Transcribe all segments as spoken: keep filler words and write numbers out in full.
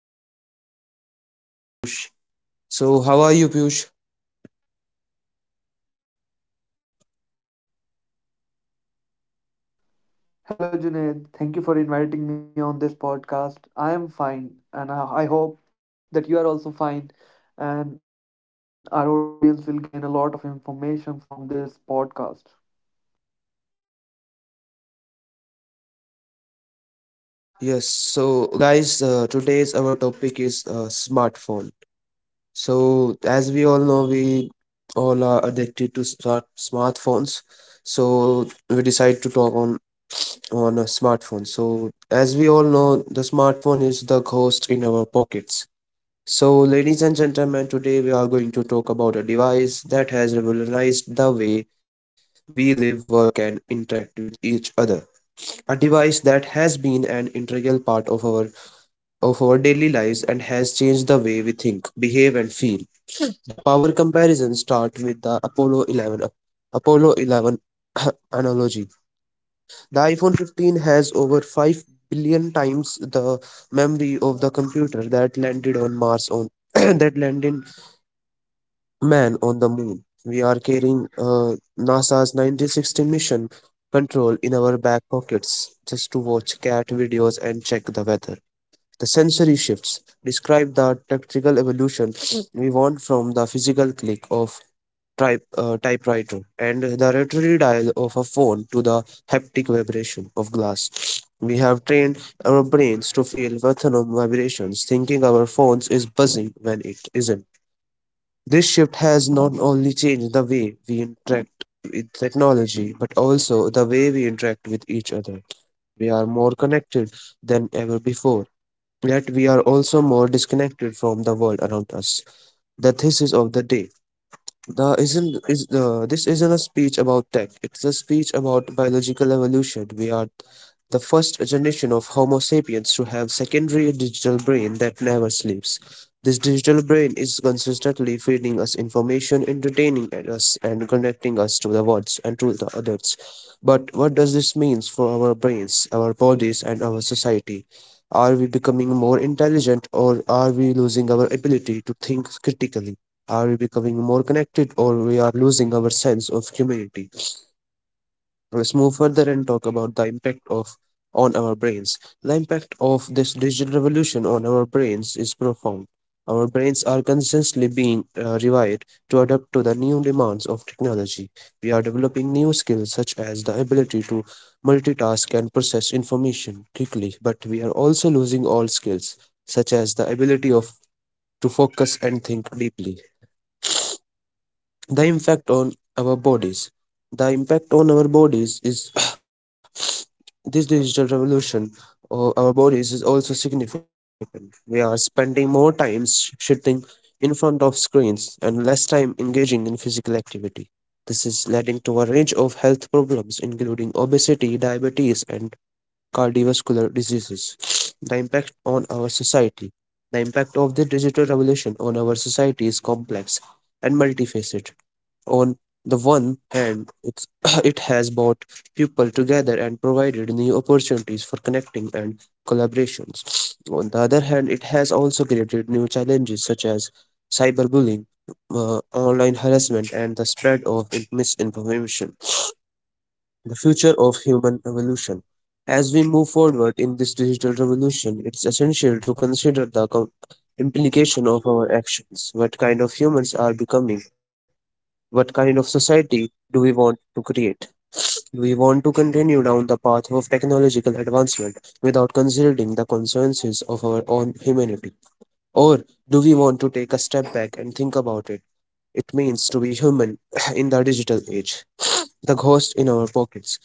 I'm your host, Junaid, with my friend Piyush. So, how are you, Piyush? Hello, Junaid. Thank you for inviting me on this podcast. I am fine, and I I hope that you are also fine, and our audience will gain a lot of information from this podcast. Yes, so, guys, uh, today's our topic is uh, smartphone. So, as we all know, we all are addicted to smart smartphones. So, we decide to talk on on a smartphone. So, as we all know, the smartphone is the ghost in our pockets. So, ladies and gentlemen, today we are going to talk about a device that has revolutionized the way we live, work, and interact with each other. A device that has been an integral part of our of our daily lives and has changed the way we think, behave, and feel. The power comparison starts with the Apollo eleven ap- Apollo eleven analogy. The iPhone fifteen has over five billion times the memory of the computer that landed on Mars on that landed man on the moon. We are carrying uh, NASA's nineteen sixty mission control in our back pockets just to watch cat videos and check the weather. The sensory shifts describe the tactical evolution we want from the physical click of type, uh, typewriter and the rotary dial of a phone to the haptic vibration of glass. We have trained our brains to feel rhythm vibrations, thinking our phones is buzzing when it isn't. This shift has not only changed the way we interact with technology, but also the way we interact with each other. We are more connected than ever before, yet we are also more disconnected from the world around us. The thesis of the day, the isn't is the this isn't a speech about tech. It's a speech about biological evolution. We are the first generation of Homo sapiens to have secondary digital brain that never sleeps. This digital brain is consistently feeding us information, entertaining us, and connecting us to the worlds and to the others. But what does this mean for our brains, our bodies, and our society? Are we becoming more intelligent, or are we losing our ability to think critically? Are we becoming more connected, or we are losing our sense of humanity? Let's move further and talk about the impact of on our brains. The impact of this digital revolution on our brains is profound. Our brains are constantly being uh, rewired to adapt to the new demands of technology. We are developing new skills such as the ability to multitask and process information quickly, but we are also losing all skills such as the ability of to focus and think deeply. The impact on our bodies. The impact on our bodies is, this digital revolution of our bodies is also significant. We are spending more time s- sitting in front of screens and less time engaging in physical activity. This is leading to a range of health problems including obesity, diabetes, and cardiovascular diseases. the impact on our society. The impact of the digital revolution on our society is complex and multifaceted. On the one hand, it's, it has brought people together and provided new opportunities for connecting and collaborations. On the other hand, it has also created new challenges such as cyberbullying, uh, online harassment, and the spread of in- misinformation. The future of human evolution. As we move forward in this digital revolution, it's essential to consider the com- implication of our actions. What kind of humans are becoming, what kind of society do we want to create? Do we want to continue down the path of technological advancement without considering the consequences of our own humanity? Or do we want to take a step back and think about it? It means to be human in the digital age. The ghost in our pockets.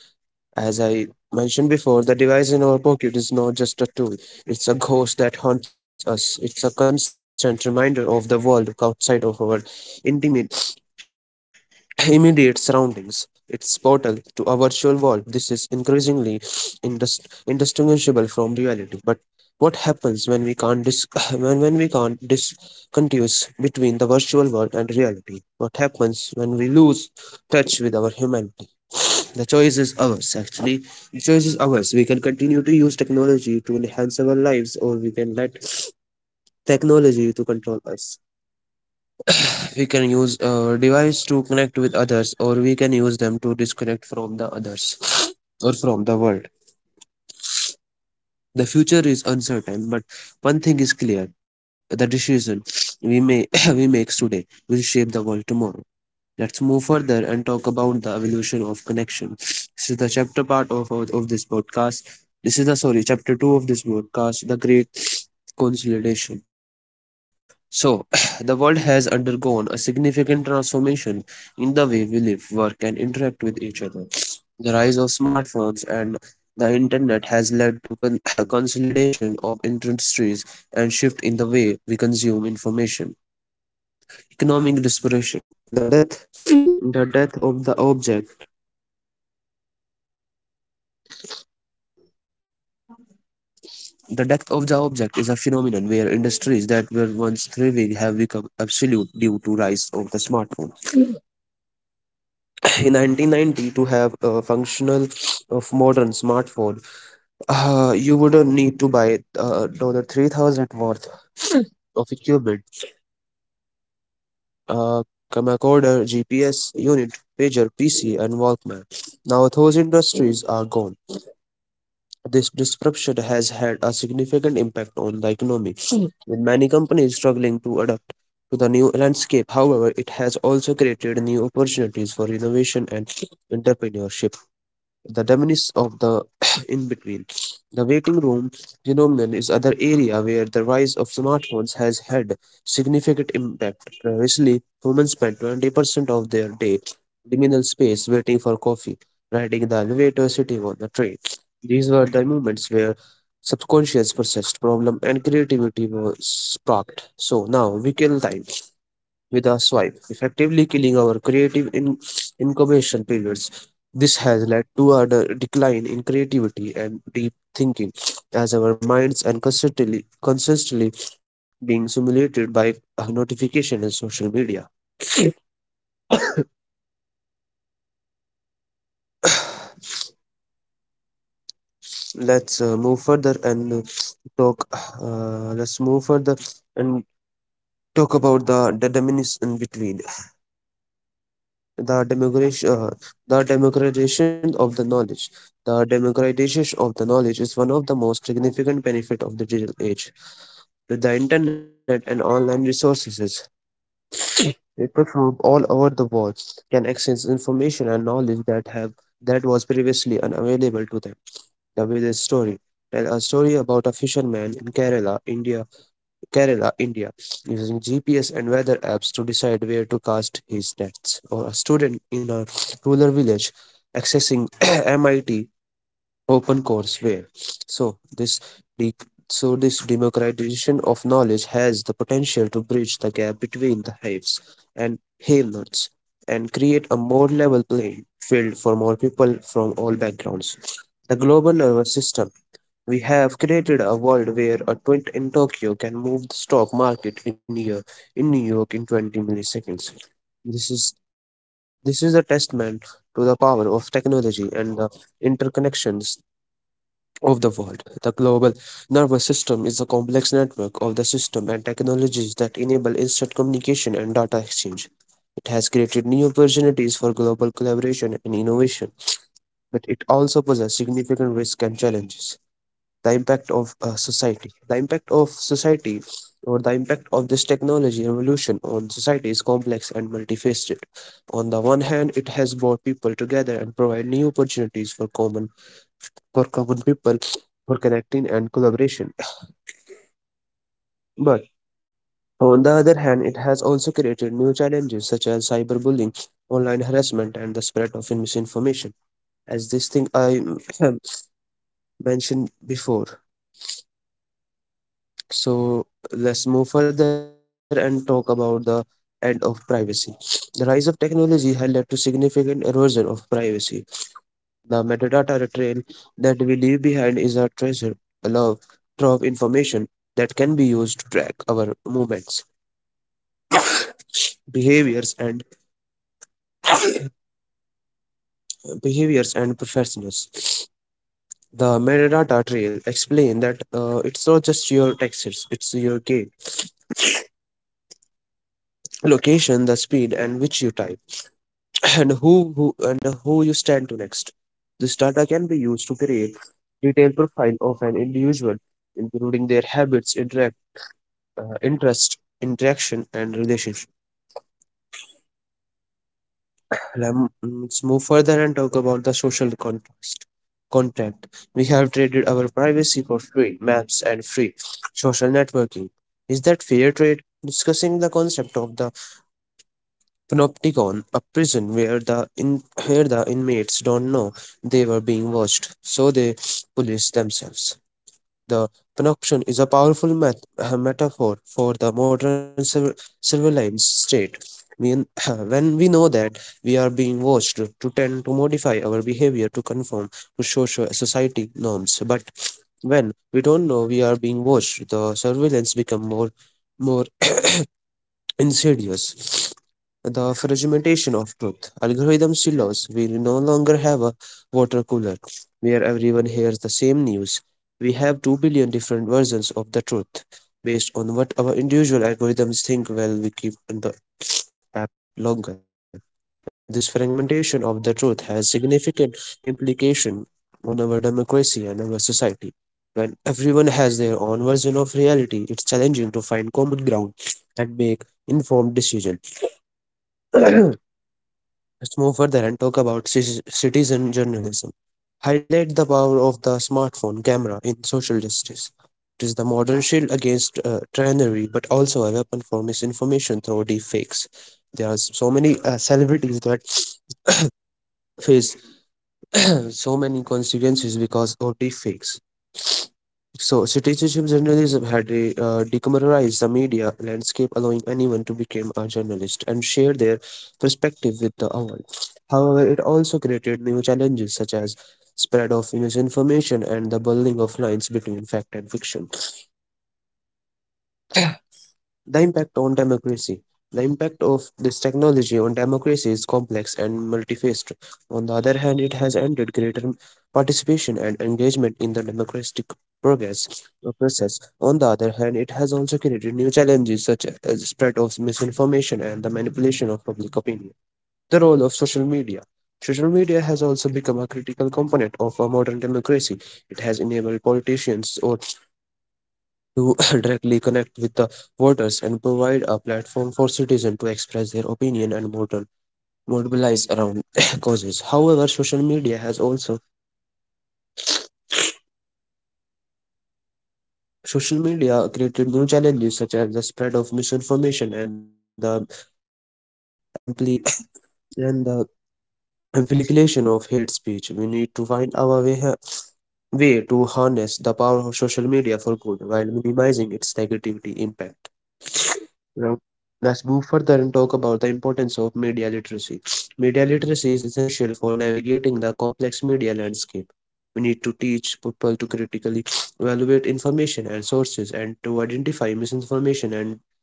As I mentioned before, the device in our pocket is not just a tool, it's a ghost that haunts us. It's a constant reminder of the world outside of our intimate immediate surroundings. It's portal to a virtual world. This is increasingly indis- indistinguishable from reality. But what happens when we can't dis- when, when we can't discontinue between the virtual world and reality? What happens when we lose touch with our humanity? The choice is ours, actually. The choice is ours. We can continue to use technology to enhance our lives, or we can let technology to control us. We can use a device to connect with others, or we can use them to disconnect from the others or from the world. The future is uncertain, but one thing is clear: the decision we may we make today will shape the world tomorrow. Let's move further and talk about the evolution of connection. This is the chapter part of, of, of this podcast. This is the, sorry, chapter two of this podcast, the great consolidation. So, the world has undergone a significant transformation in the way we live, work, and interact with each other. The rise of smartphones and the internet has led to con- consolidation of industries and shift in the way we consume information. Economic desperation. The death, the death of the object. The death of the object is a phenomenon where industries that were once thriving have become obsolete due to rise of the smartphone. In nineteen ninety, to have a functional of modern smartphone, uh, you would uh, need to buy uh, dollar three thousand worth of equipment, a camcorder, G P S unit, pager, P C, and Walkman. Now those industries are gone. This disruption has had a significant impact on the economy, with many companies struggling to adapt to the new landscape. However, it has also created new opportunities for innovation and entrepreneurship. The diminish of the in between. The waiting room phenomenon is other area where the rise of smartphones has had significant impact. Previously, humans spent twenty percent of their day liminal space waiting for coffee, riding the elevator, sitting on the train. These were the moments where subconscious processed problem and creativity was sparked. So now we kill time with a swipe, effectively killing our creative in- incubation periods. This has led to a de- decline in creativity and deep thinking, as our minds are constantly, consistently being simulated by a notification and social media. let's uh, move further and uh, talk. Uh, let's move further and talk about the, the dominance in between. the democratization, uh, the democratization of the knowledge. The democratization of the knowledge is one of the most significant benefit of the digital age. With the internet and online resources, people from all over the world can access information and knowledge that have that was previously unavailable to them. The village story. Tell a story about a fisherman in Kerala, India Kerala, India, using G P S and weather apps to decide where to cast his nets, or a student in a rural village accessing M I T open courseware. So this de- so this democratization of knowledge has the potential to bridge the gap between the haves and have-nots and create a more level playing field for more people from all backgrounds. The global nervous system. We have created a world where a twint in Tokyo can move the stock market in year in New York in twenty milliseconds. This is this is a testament to the power of technology and the interconnections of the world. The global nervous system is a complex network of the system and technologies that enable instant communication and data exchange. It has created new opportunities for global collaboration and innovation, but it also poses significant risks and challenges. The impact of uh, society. The impact of society, or the impact of this technology revolution on society is complex and multifaceted. On the one hand, it has brought people together and provide new opportunities for common for common people for connecting and collaboration. But on the other hand, it has also created new challenges such as cyberbullying, online harassment, and the spread of misinformation. As this thing I mentioned before. So let's move further and talk about the end of privacy. The rise of technology has led to significant erosion of privacy. The metadata trail that we leave behind is a treasure, a love, trove information that can be used to track our movements, behaviors, and behaviors and professionals. The metadata trail explain that uh, it's not just your texts; it's your key location, the speed, and which you type, and who who and who you stand to next. This data can be used to create detailed profile of an individual, including their habits, interact, uh, interest, interaction, and relationship. Lem- Let's move further and talk about the social contrast. Contact. We have traded our privacy for free maps and free social networking. Is that fair trade? Discussing the concept of the panopticon, a prison where the in where the inmates don't know they were being watched, so they police themselves. The panopticon is a powerful met- uh, metaphor for the modern sur- surveillance state. When, when we know that we are being watched, to tend to modify our behavior to conform to social society norms. But when we don't know we are being watched, the surveillance become more more insidious the fragmentation of truth. Algorithms silos. We no longer have a water cooler where everyone hears the same news. We have two billion different versions of the truth based on what our individual algorithms think while we keep the app longer. This fragmentation of the truth has significant implication on our democracy and our society. When everyone has their own version of reality, it's challenging to find common ground and make informed decisions. Let's move further and talk about ci- citizen journalism. Highlight the power of the smartphone camera in social justice. It is the modern shield against uh, tyranny, but also a weapon for misinformation through deep fakes. There are so many uh, celebrities that face uh, so many consequences because of deep fakes. So, citizenship journalism had re- uh, decommodized the media landscape, allowing anyone to become a journalist and share their perspective with the world. However, it also created new challenges such as spread of misinformation and the blurring of lines between fact and fiction. The impact on democracy. The impact of this technology on democracy is complex and multifaceted. On the other hand, it has ended greater participation and engagement in the democratic progress uh, process. On the other hand, it has also created new challenges such as the spread of misinformation and the manipulation of public opinion. The role of social media. Social media has also become a critical component of a modern democracy. It has enabled politicians or to directly connect with the voters and provide a platform for citizens to express their opinion and model, mobilize around causes. However, social media has also social media created new challenges such as the spread of misinformation and the ampli- and the amplification of hate speech. We need to find our way ha- way to harness the power of social media for good while minimizing its negativity impact. Now, let's move further and talk about the importance of media literacy. Media literacy is essential for navigating the complex media landscape. We need to teach people to critically evaluate information and sources and to identify misinformation and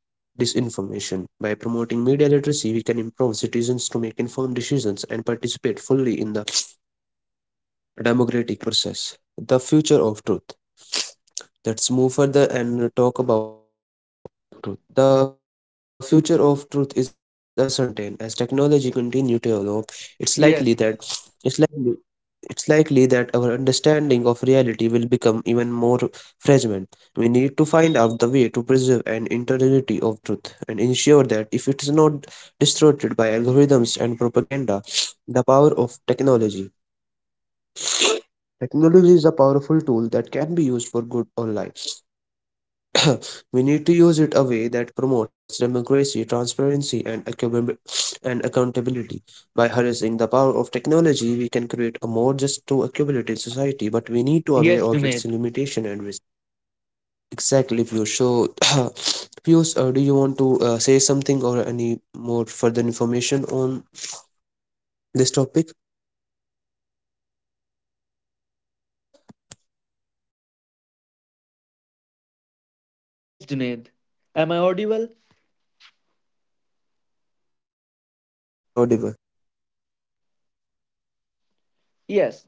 disinformation. By promoting media literacy, we can empower citizens to make informed decisions and participate fully in the democratic process. The future of truth. Let's move further and talk about truth. The future of truth is uncertain. As technology continues to develop, it's Yes, likely that it's likely it's likely that our understanding of reality will become even more fragmented. We need to find out the way to preserve an integrity of truth and ensure that if it is not distorted by algorithms and propaganda, the power of technology. Technology is a powerful tool that can be used for good or life. We need to use it a way that promotes democracy, transparency, and, accountability and accountability. By harnessing the power of technology, we can create a more just to accumulated society, but we need to yes, aware of Junaid. its limitation and risk. Exactly, if you show Pius, uh, do you want to uh, say something or any more further information on this topic? Yes, Junaid. Am I audible? Yes, Piyush, you are audible. Yes.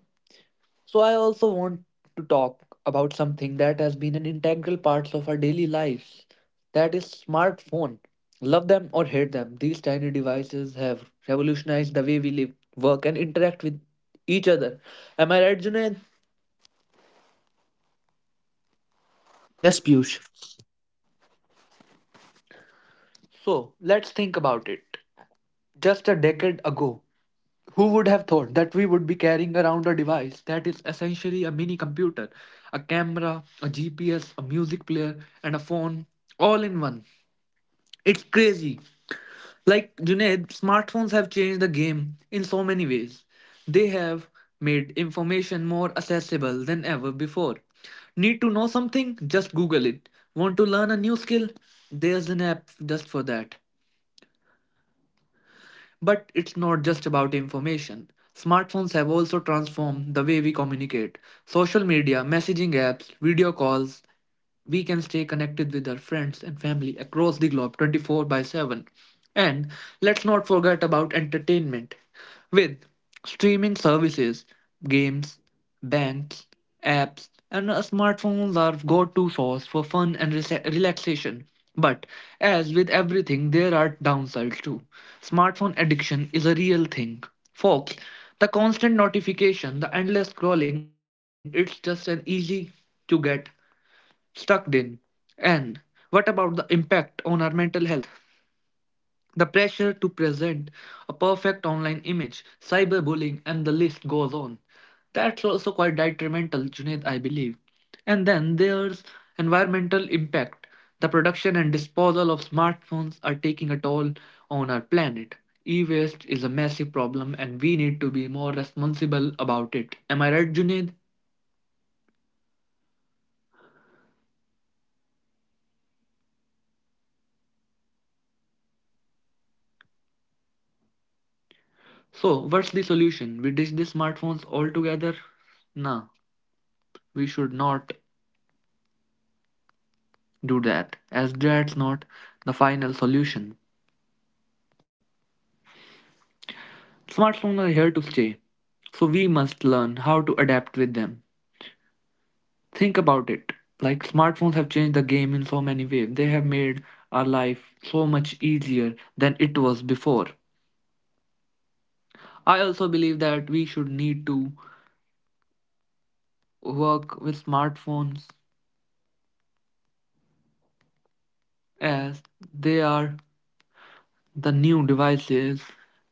So I also want to talk about something that has been an integral part of our daily lives. That is smartphone. Love them or hate them, these tiny devices have revolutionized the way we live, work and interact with each other. Am I right, Junaid? Yes, Piyush. So, let's think about it. Just a decade ago, who would have thought that we would be carrying around a device that is essentially a mini computer, a camera, a G P S, a music player, and a phone all in one? It's crazy. Like Junaid, smartphones have changed the game in so many ways. They have made information more accessible than ever before. Need to know something? Just Google it. Want to learn a new skill? There's an app just for that. But it's not just about information. Smartphones have also transformed the way we communicate. Social media, messaging apps, video calls, we can stay connected with our friends and family across the globe twenty-four by seven. And let's not forget about entertainment with streaming services, games, Banks, apps, and uh, smartphones are go-to source for fun and rela- relaxation. But as with everything, there are downsides too. Smartphone addiction is a real thing. Folks, the constant notification, the endless scrolling, it's just an easy to get stuck in. And what about the impact on our mental health? The pressure to present a perfect online image, cyberbullying, and the list goes on. That's also quite detrimental, Junaid, I believe. And then there's environmental impact. The production and disposal of smartphones are taking a toll on our planet. E waste is a massive problem and we need to be more responsible about it. Am I right, Junaid? Yes, Piyush. So, what's the solution? We ditch the smartphones altogether? Nah, we should not do that, as that's not the final solution. Smartphones are here to stay, so we must learn how to adapt with them. Think about it. Like smartphones have changed the game in so many ways. They have made our life so much easier than it was before. I also believe that we should need to work with smartphones as they are the new devices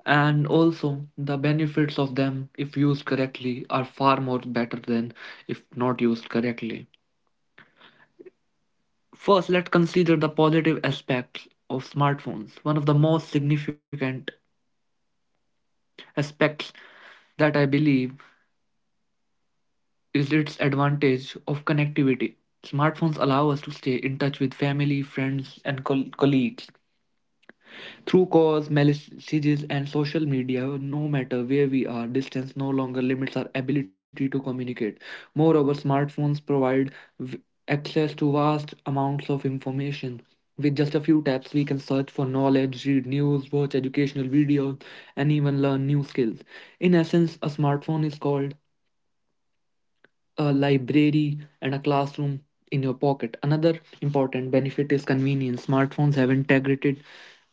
and also the benefits of them if used correctly are far more better than if not used correctly. First, let's consider the positive aspects of smartphones. One of the most significant aspects that I believe is its advantage of connectivity. Smartphones allow us to stay in touch with family, friends, and col- colleagues through calls, messages, and social media, no matter where we are. Distance no longer limits our ability to communicate. Moreover, smartphones provide v- access to vast amounts of information. With just a few taps, we can search for knowledge, read news, watch educational videos, and even learn new skills. In essence, a smartphone is called a library and a classroom in your pocket. Another important benefit is convenience. Smartphones have integrated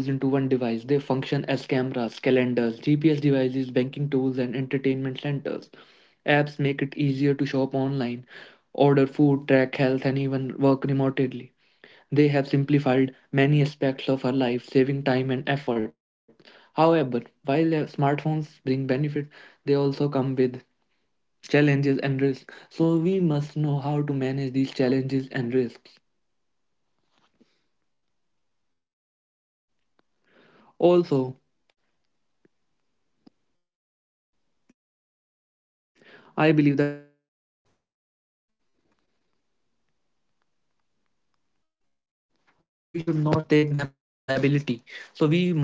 many tools into one device. They function as cameras, calendars, G P S devices, banking tools, and entertainment centers. Apps make it easier to shop online, order food, track health, and even work remotely. They have simplified many aspects of our life, saving time and effort. However, while uh, smartphones bring benefit, they also come with challenges and risks, so we must know how to manage these challenges and risks. Also, I believe that smartphone as a boon, we should not take them as liability. So we must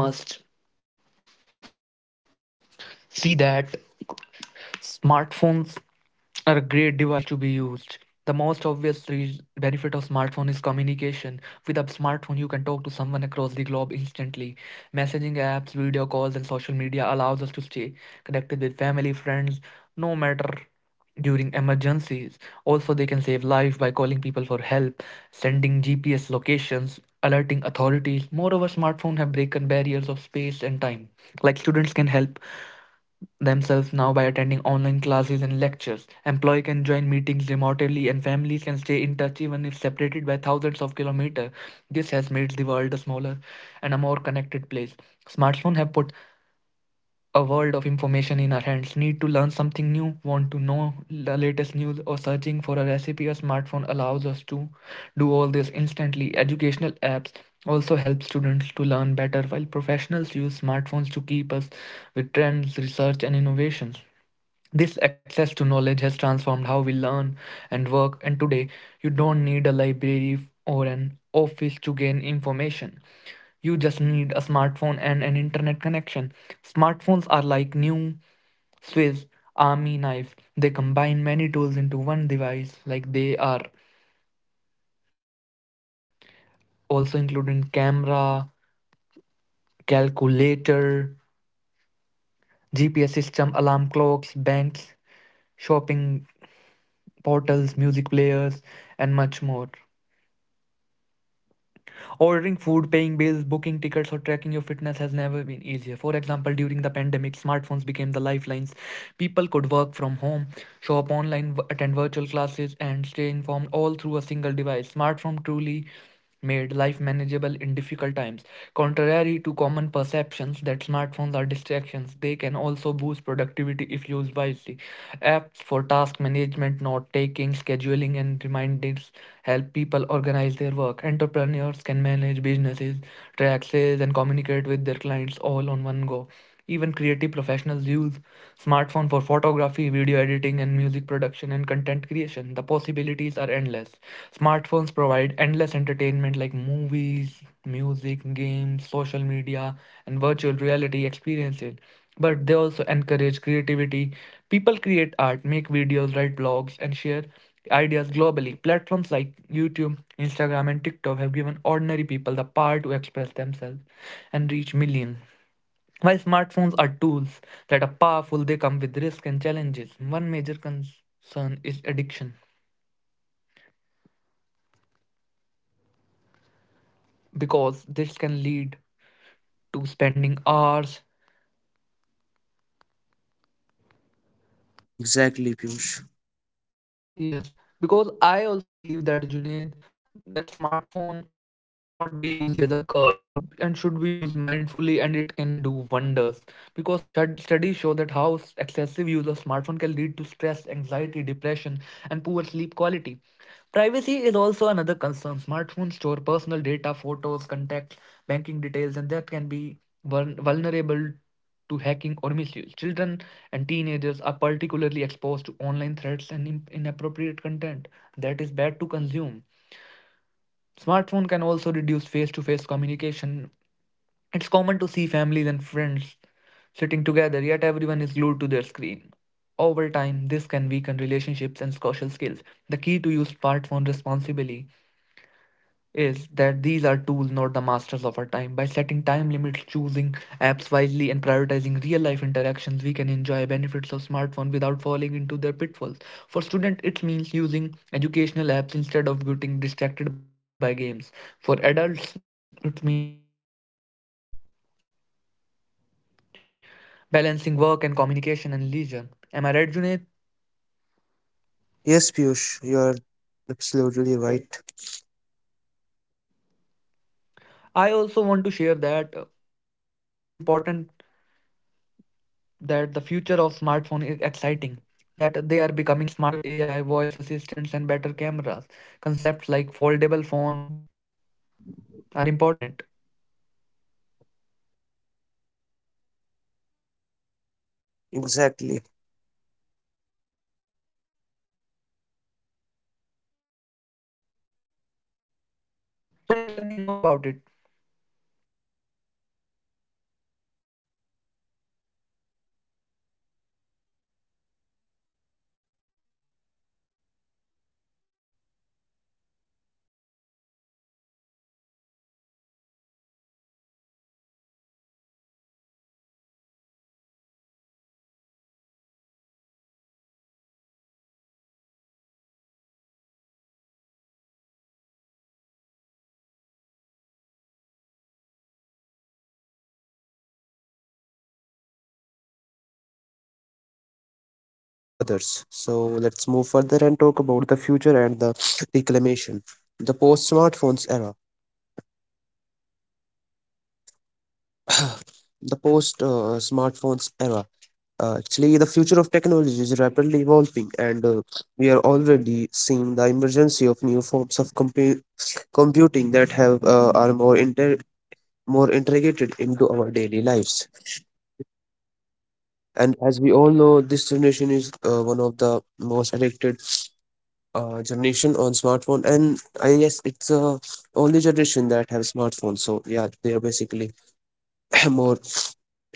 see that smartphones are a great device to be used. The most obvious re- benefit of smartphone is communication. With a smartphone, you can talk to someone across the globe instantly. Messaging apps, video calls, and social media allows us to stay connected with family, friends, no matter during emergencies. Also, they can save lives by calling people for help, sending G P S locations, alerting authorities. Moreover, smartphones have broken barriers of space and time. Like students can help themselves now by attending online classes and lectures. Employee can join meetings remotely and families can stay in touch even if separated by thousands of kilometers. This has made the world a smaller and a more connected place. Smartphones have put a world of information in our hands. Need to learn something new, want to know the latest news, or searching for a recipe, a smartphone allows us to do all this instantly. Educational apps also help students to learn better, while professionals use smartphones to keep us with trends, research, and innovations. This access to knowledge has transformed how we learn and work, and today you don't need a library or an office to gain information. You just need a smartphone and an internet connection. Smartphones are like new Swiss Army knife. They combine many tools into one device, like they are also including camera, calculator, G P S system, alarm clocks, banks, shopping portals, music players, and much more. Ordering food, paying bills, booking tickets, or tracking your fitness has never been easier. For example, during the pandemic, smartphones became the lifelines. People could work from home, shop online, attend virtual classes, and stay informed all through a single device. Smartphone truly made life manageable in difficult times. Contrary to common perceptions that smartphones are distractions, they can also also boost productivity if used wisely. Apps for task management, note taking, scheduling, and reminders help people organize their work. Entrepreneurs can manage businesses, track sales, and communicate with their clients all on one go. Even creative professionals use smartphone for photography, video editing, and music production and content creation. The possibilities are endless. Smartphones provide endless entertainment like movies, music, games, social media, and virtual reality experiences, but they also encourage creativity. People create art, make videos, write blogs, and share ideas globally. Platforms like YouTube, Instagram, and TikTok have given ordinary people the power to express themselves and reach millions. While smartphones are tools that are powerful, they come with risks and challenges. One major concern is addiction because this can lead to spending hours. Exactly, Piyush. Yes, because I also believe that Junaid, that smartphone should not be used as a curse and should be used mindfully, and it can do wonders. Because stud- studies show that how s- excessive use of smartphone can lead to stress, anxiety, depression, and poor sleep quality. Privacy is also another concern. Smartphones store personal data, photos, contacts, banking details, and that can be vuln- vulnerable to hacking or misuse. Children and teenagers are particularly exposed to online threats and in- inappropriate content that is bad to consume. Smartphone can also reduce face-to-face communication. It's common to see families and friends sitting together, yet everyone is glued to their screen. Over time, this can weaken relationships and social skills. The key to use smartphone responsibly is that these are tools, not the masters of our time. By setting time limits, choosing apps wisely, and prioritizing real life interactions, we can enjoy benefits of smartphone without falling into their pitfalls. For students, it means using educational apps instead of getting distracted by games. For adults, it means balancing work and communication and leisure. Am I right, Junaid? Yes, Piyush, you are absolutely right. I also want to share that uh, it's important that the future of smartphone is exciting, that they are becoming smarter with A I voice assistants and better cameras. Concepts like foldable phone are important. Exactly. So Junaid, tell me more about it. So, guys, uh, let's move further and talk more about it. So, and it is really important the importance of, I mean, human connection. Human connection is essential for uh, our well being and happiness. We need to prioritize relationship, community, and make time for meaningful interaction with others. So, let's move further and talk about the future and the reclamation. The post smartphones era. The post uh, smartphones era. Uh, actually, the future of technology is rapidly evolving, and uh, we are already seeing the emergence of new forms of compu- computing that have uh, are more inter- more integrated into our daily lives. And as we all know, this generation is uh, one of the most addicted uh, generation on smartphone. And I guess it's uh, only generation that have smartphone. So yeah, they are basically more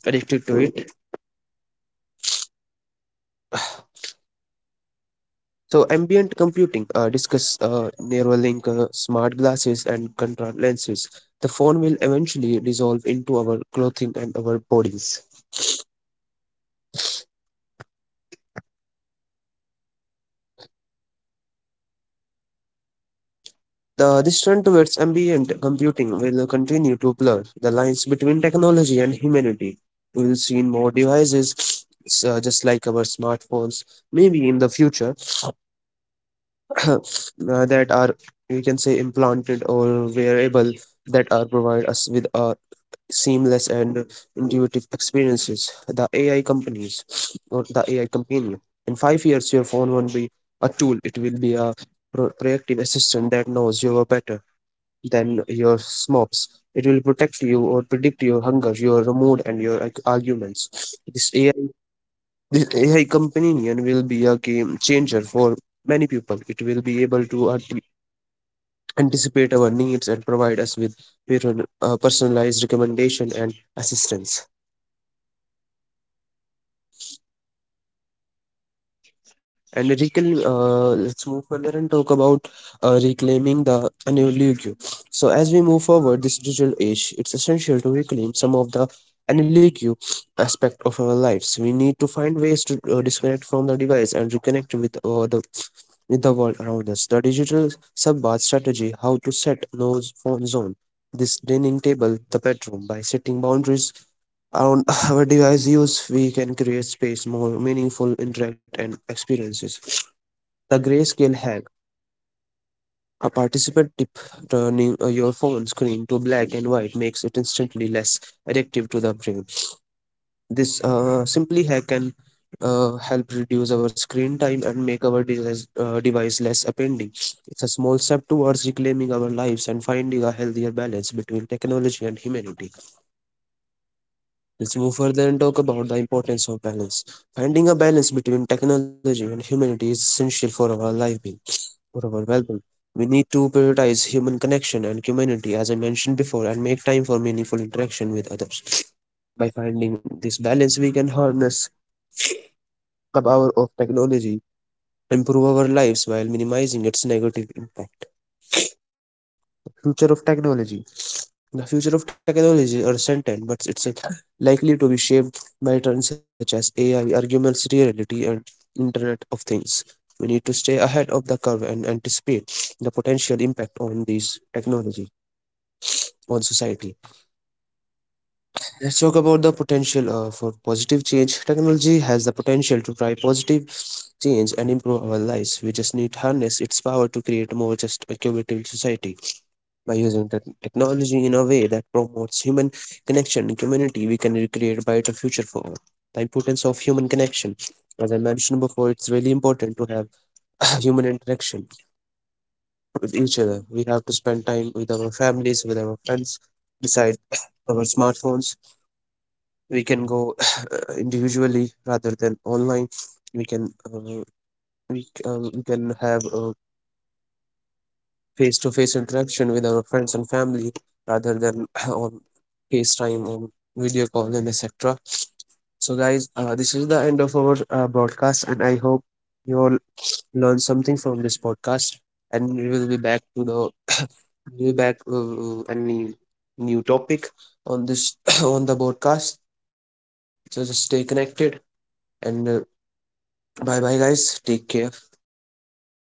addicted to it. So ambient computing uh, discuss uh, Neuralink, uh, smart glasses, and contact lenses. The phone will eventually dissolve into our clothing and our bodies. The this trend towards ambient computing will continue to blur the lines between technology and humanity. We will see more devices, s- uh, just like our smartphones, maybe in the future, uh, that are we can say implanted or wearable that are provide us with uh, seamless and intuitive experiences, the A I companies or the A I companion. In five years, your phone won't be a tool, it will be a pro- proactive assistant that knows you are better than your snobs. It will protect you or predict your hunger, your mood, and your arg- arguments. This A I, this A I companion will be a game changer for many people. It will be able to ant- anticipate our needs and provide us with with an- uh, personalized recommendation and assistance. And reclaim, uh, let's move further and talk about uh, reclaiming the analog. So, as we move forward this digital age, it's essential to reclaim some of the analog aspect of our lives. We need to find ways to uh, disconnect from the device and reconnect with uh, the with the world around us. The digital subbath strategy, how to set no phone zone, this dining table, the bedroom, by setting boundaries on our device use, we can create space, more meaningful interact and experiences. The grayscale hack. A participant tip turning uh, your phone screen to black and white makes it instantly less addictive to the brain. This uh, simply hack can uh, help reduce our screen time and make our device, uh, device less appending. It's a small step towards reclaiming our lives and finding a healthier balance between technology and humanity. Let's move further and talk about the importance of balance. Finding a balance between technology and humanity is essential for our life being, for our well being. We need to prioritize human connection and community, as I mentioned before, and make time for meaningful interaction with others. By finding this balance, we can harness the power of technology, improve our lives while minimizing its negative impact. The future of technology. The future of technology is uncertain, but it's uh, likely to be shaped by trends such as A I, augmented reality, and Internet of Things. We need to stay ahead of the curve and anticipate the potential impact on these technology on society. Let's talk about the potential uh, for positive change. Technology has the potential to drive positive change and improve our lives. We just need to harness its power to create a more just, equitable society. By using tech technology in a way that promotes human connection and community, we can recreate a brighter future for all. The importance of human connection. As I mentioned before, it's really important to have human interaction with each other. We have to spend time with our families, with our friends, beside our smartphones. We can go individually rather than online. We can uh, we, c- uh, we can have a face-to-face interaction with our friends and family rather than on FaceTime or video call and et cetera. So, guys, uh, this is the end of our uh, broadcast, and I hope you all learned something from this podcast. And we will be back to the we'll be back uh, any new topic on this on the broadcast. So just stay connected and uh, bye bye, guys. Take care.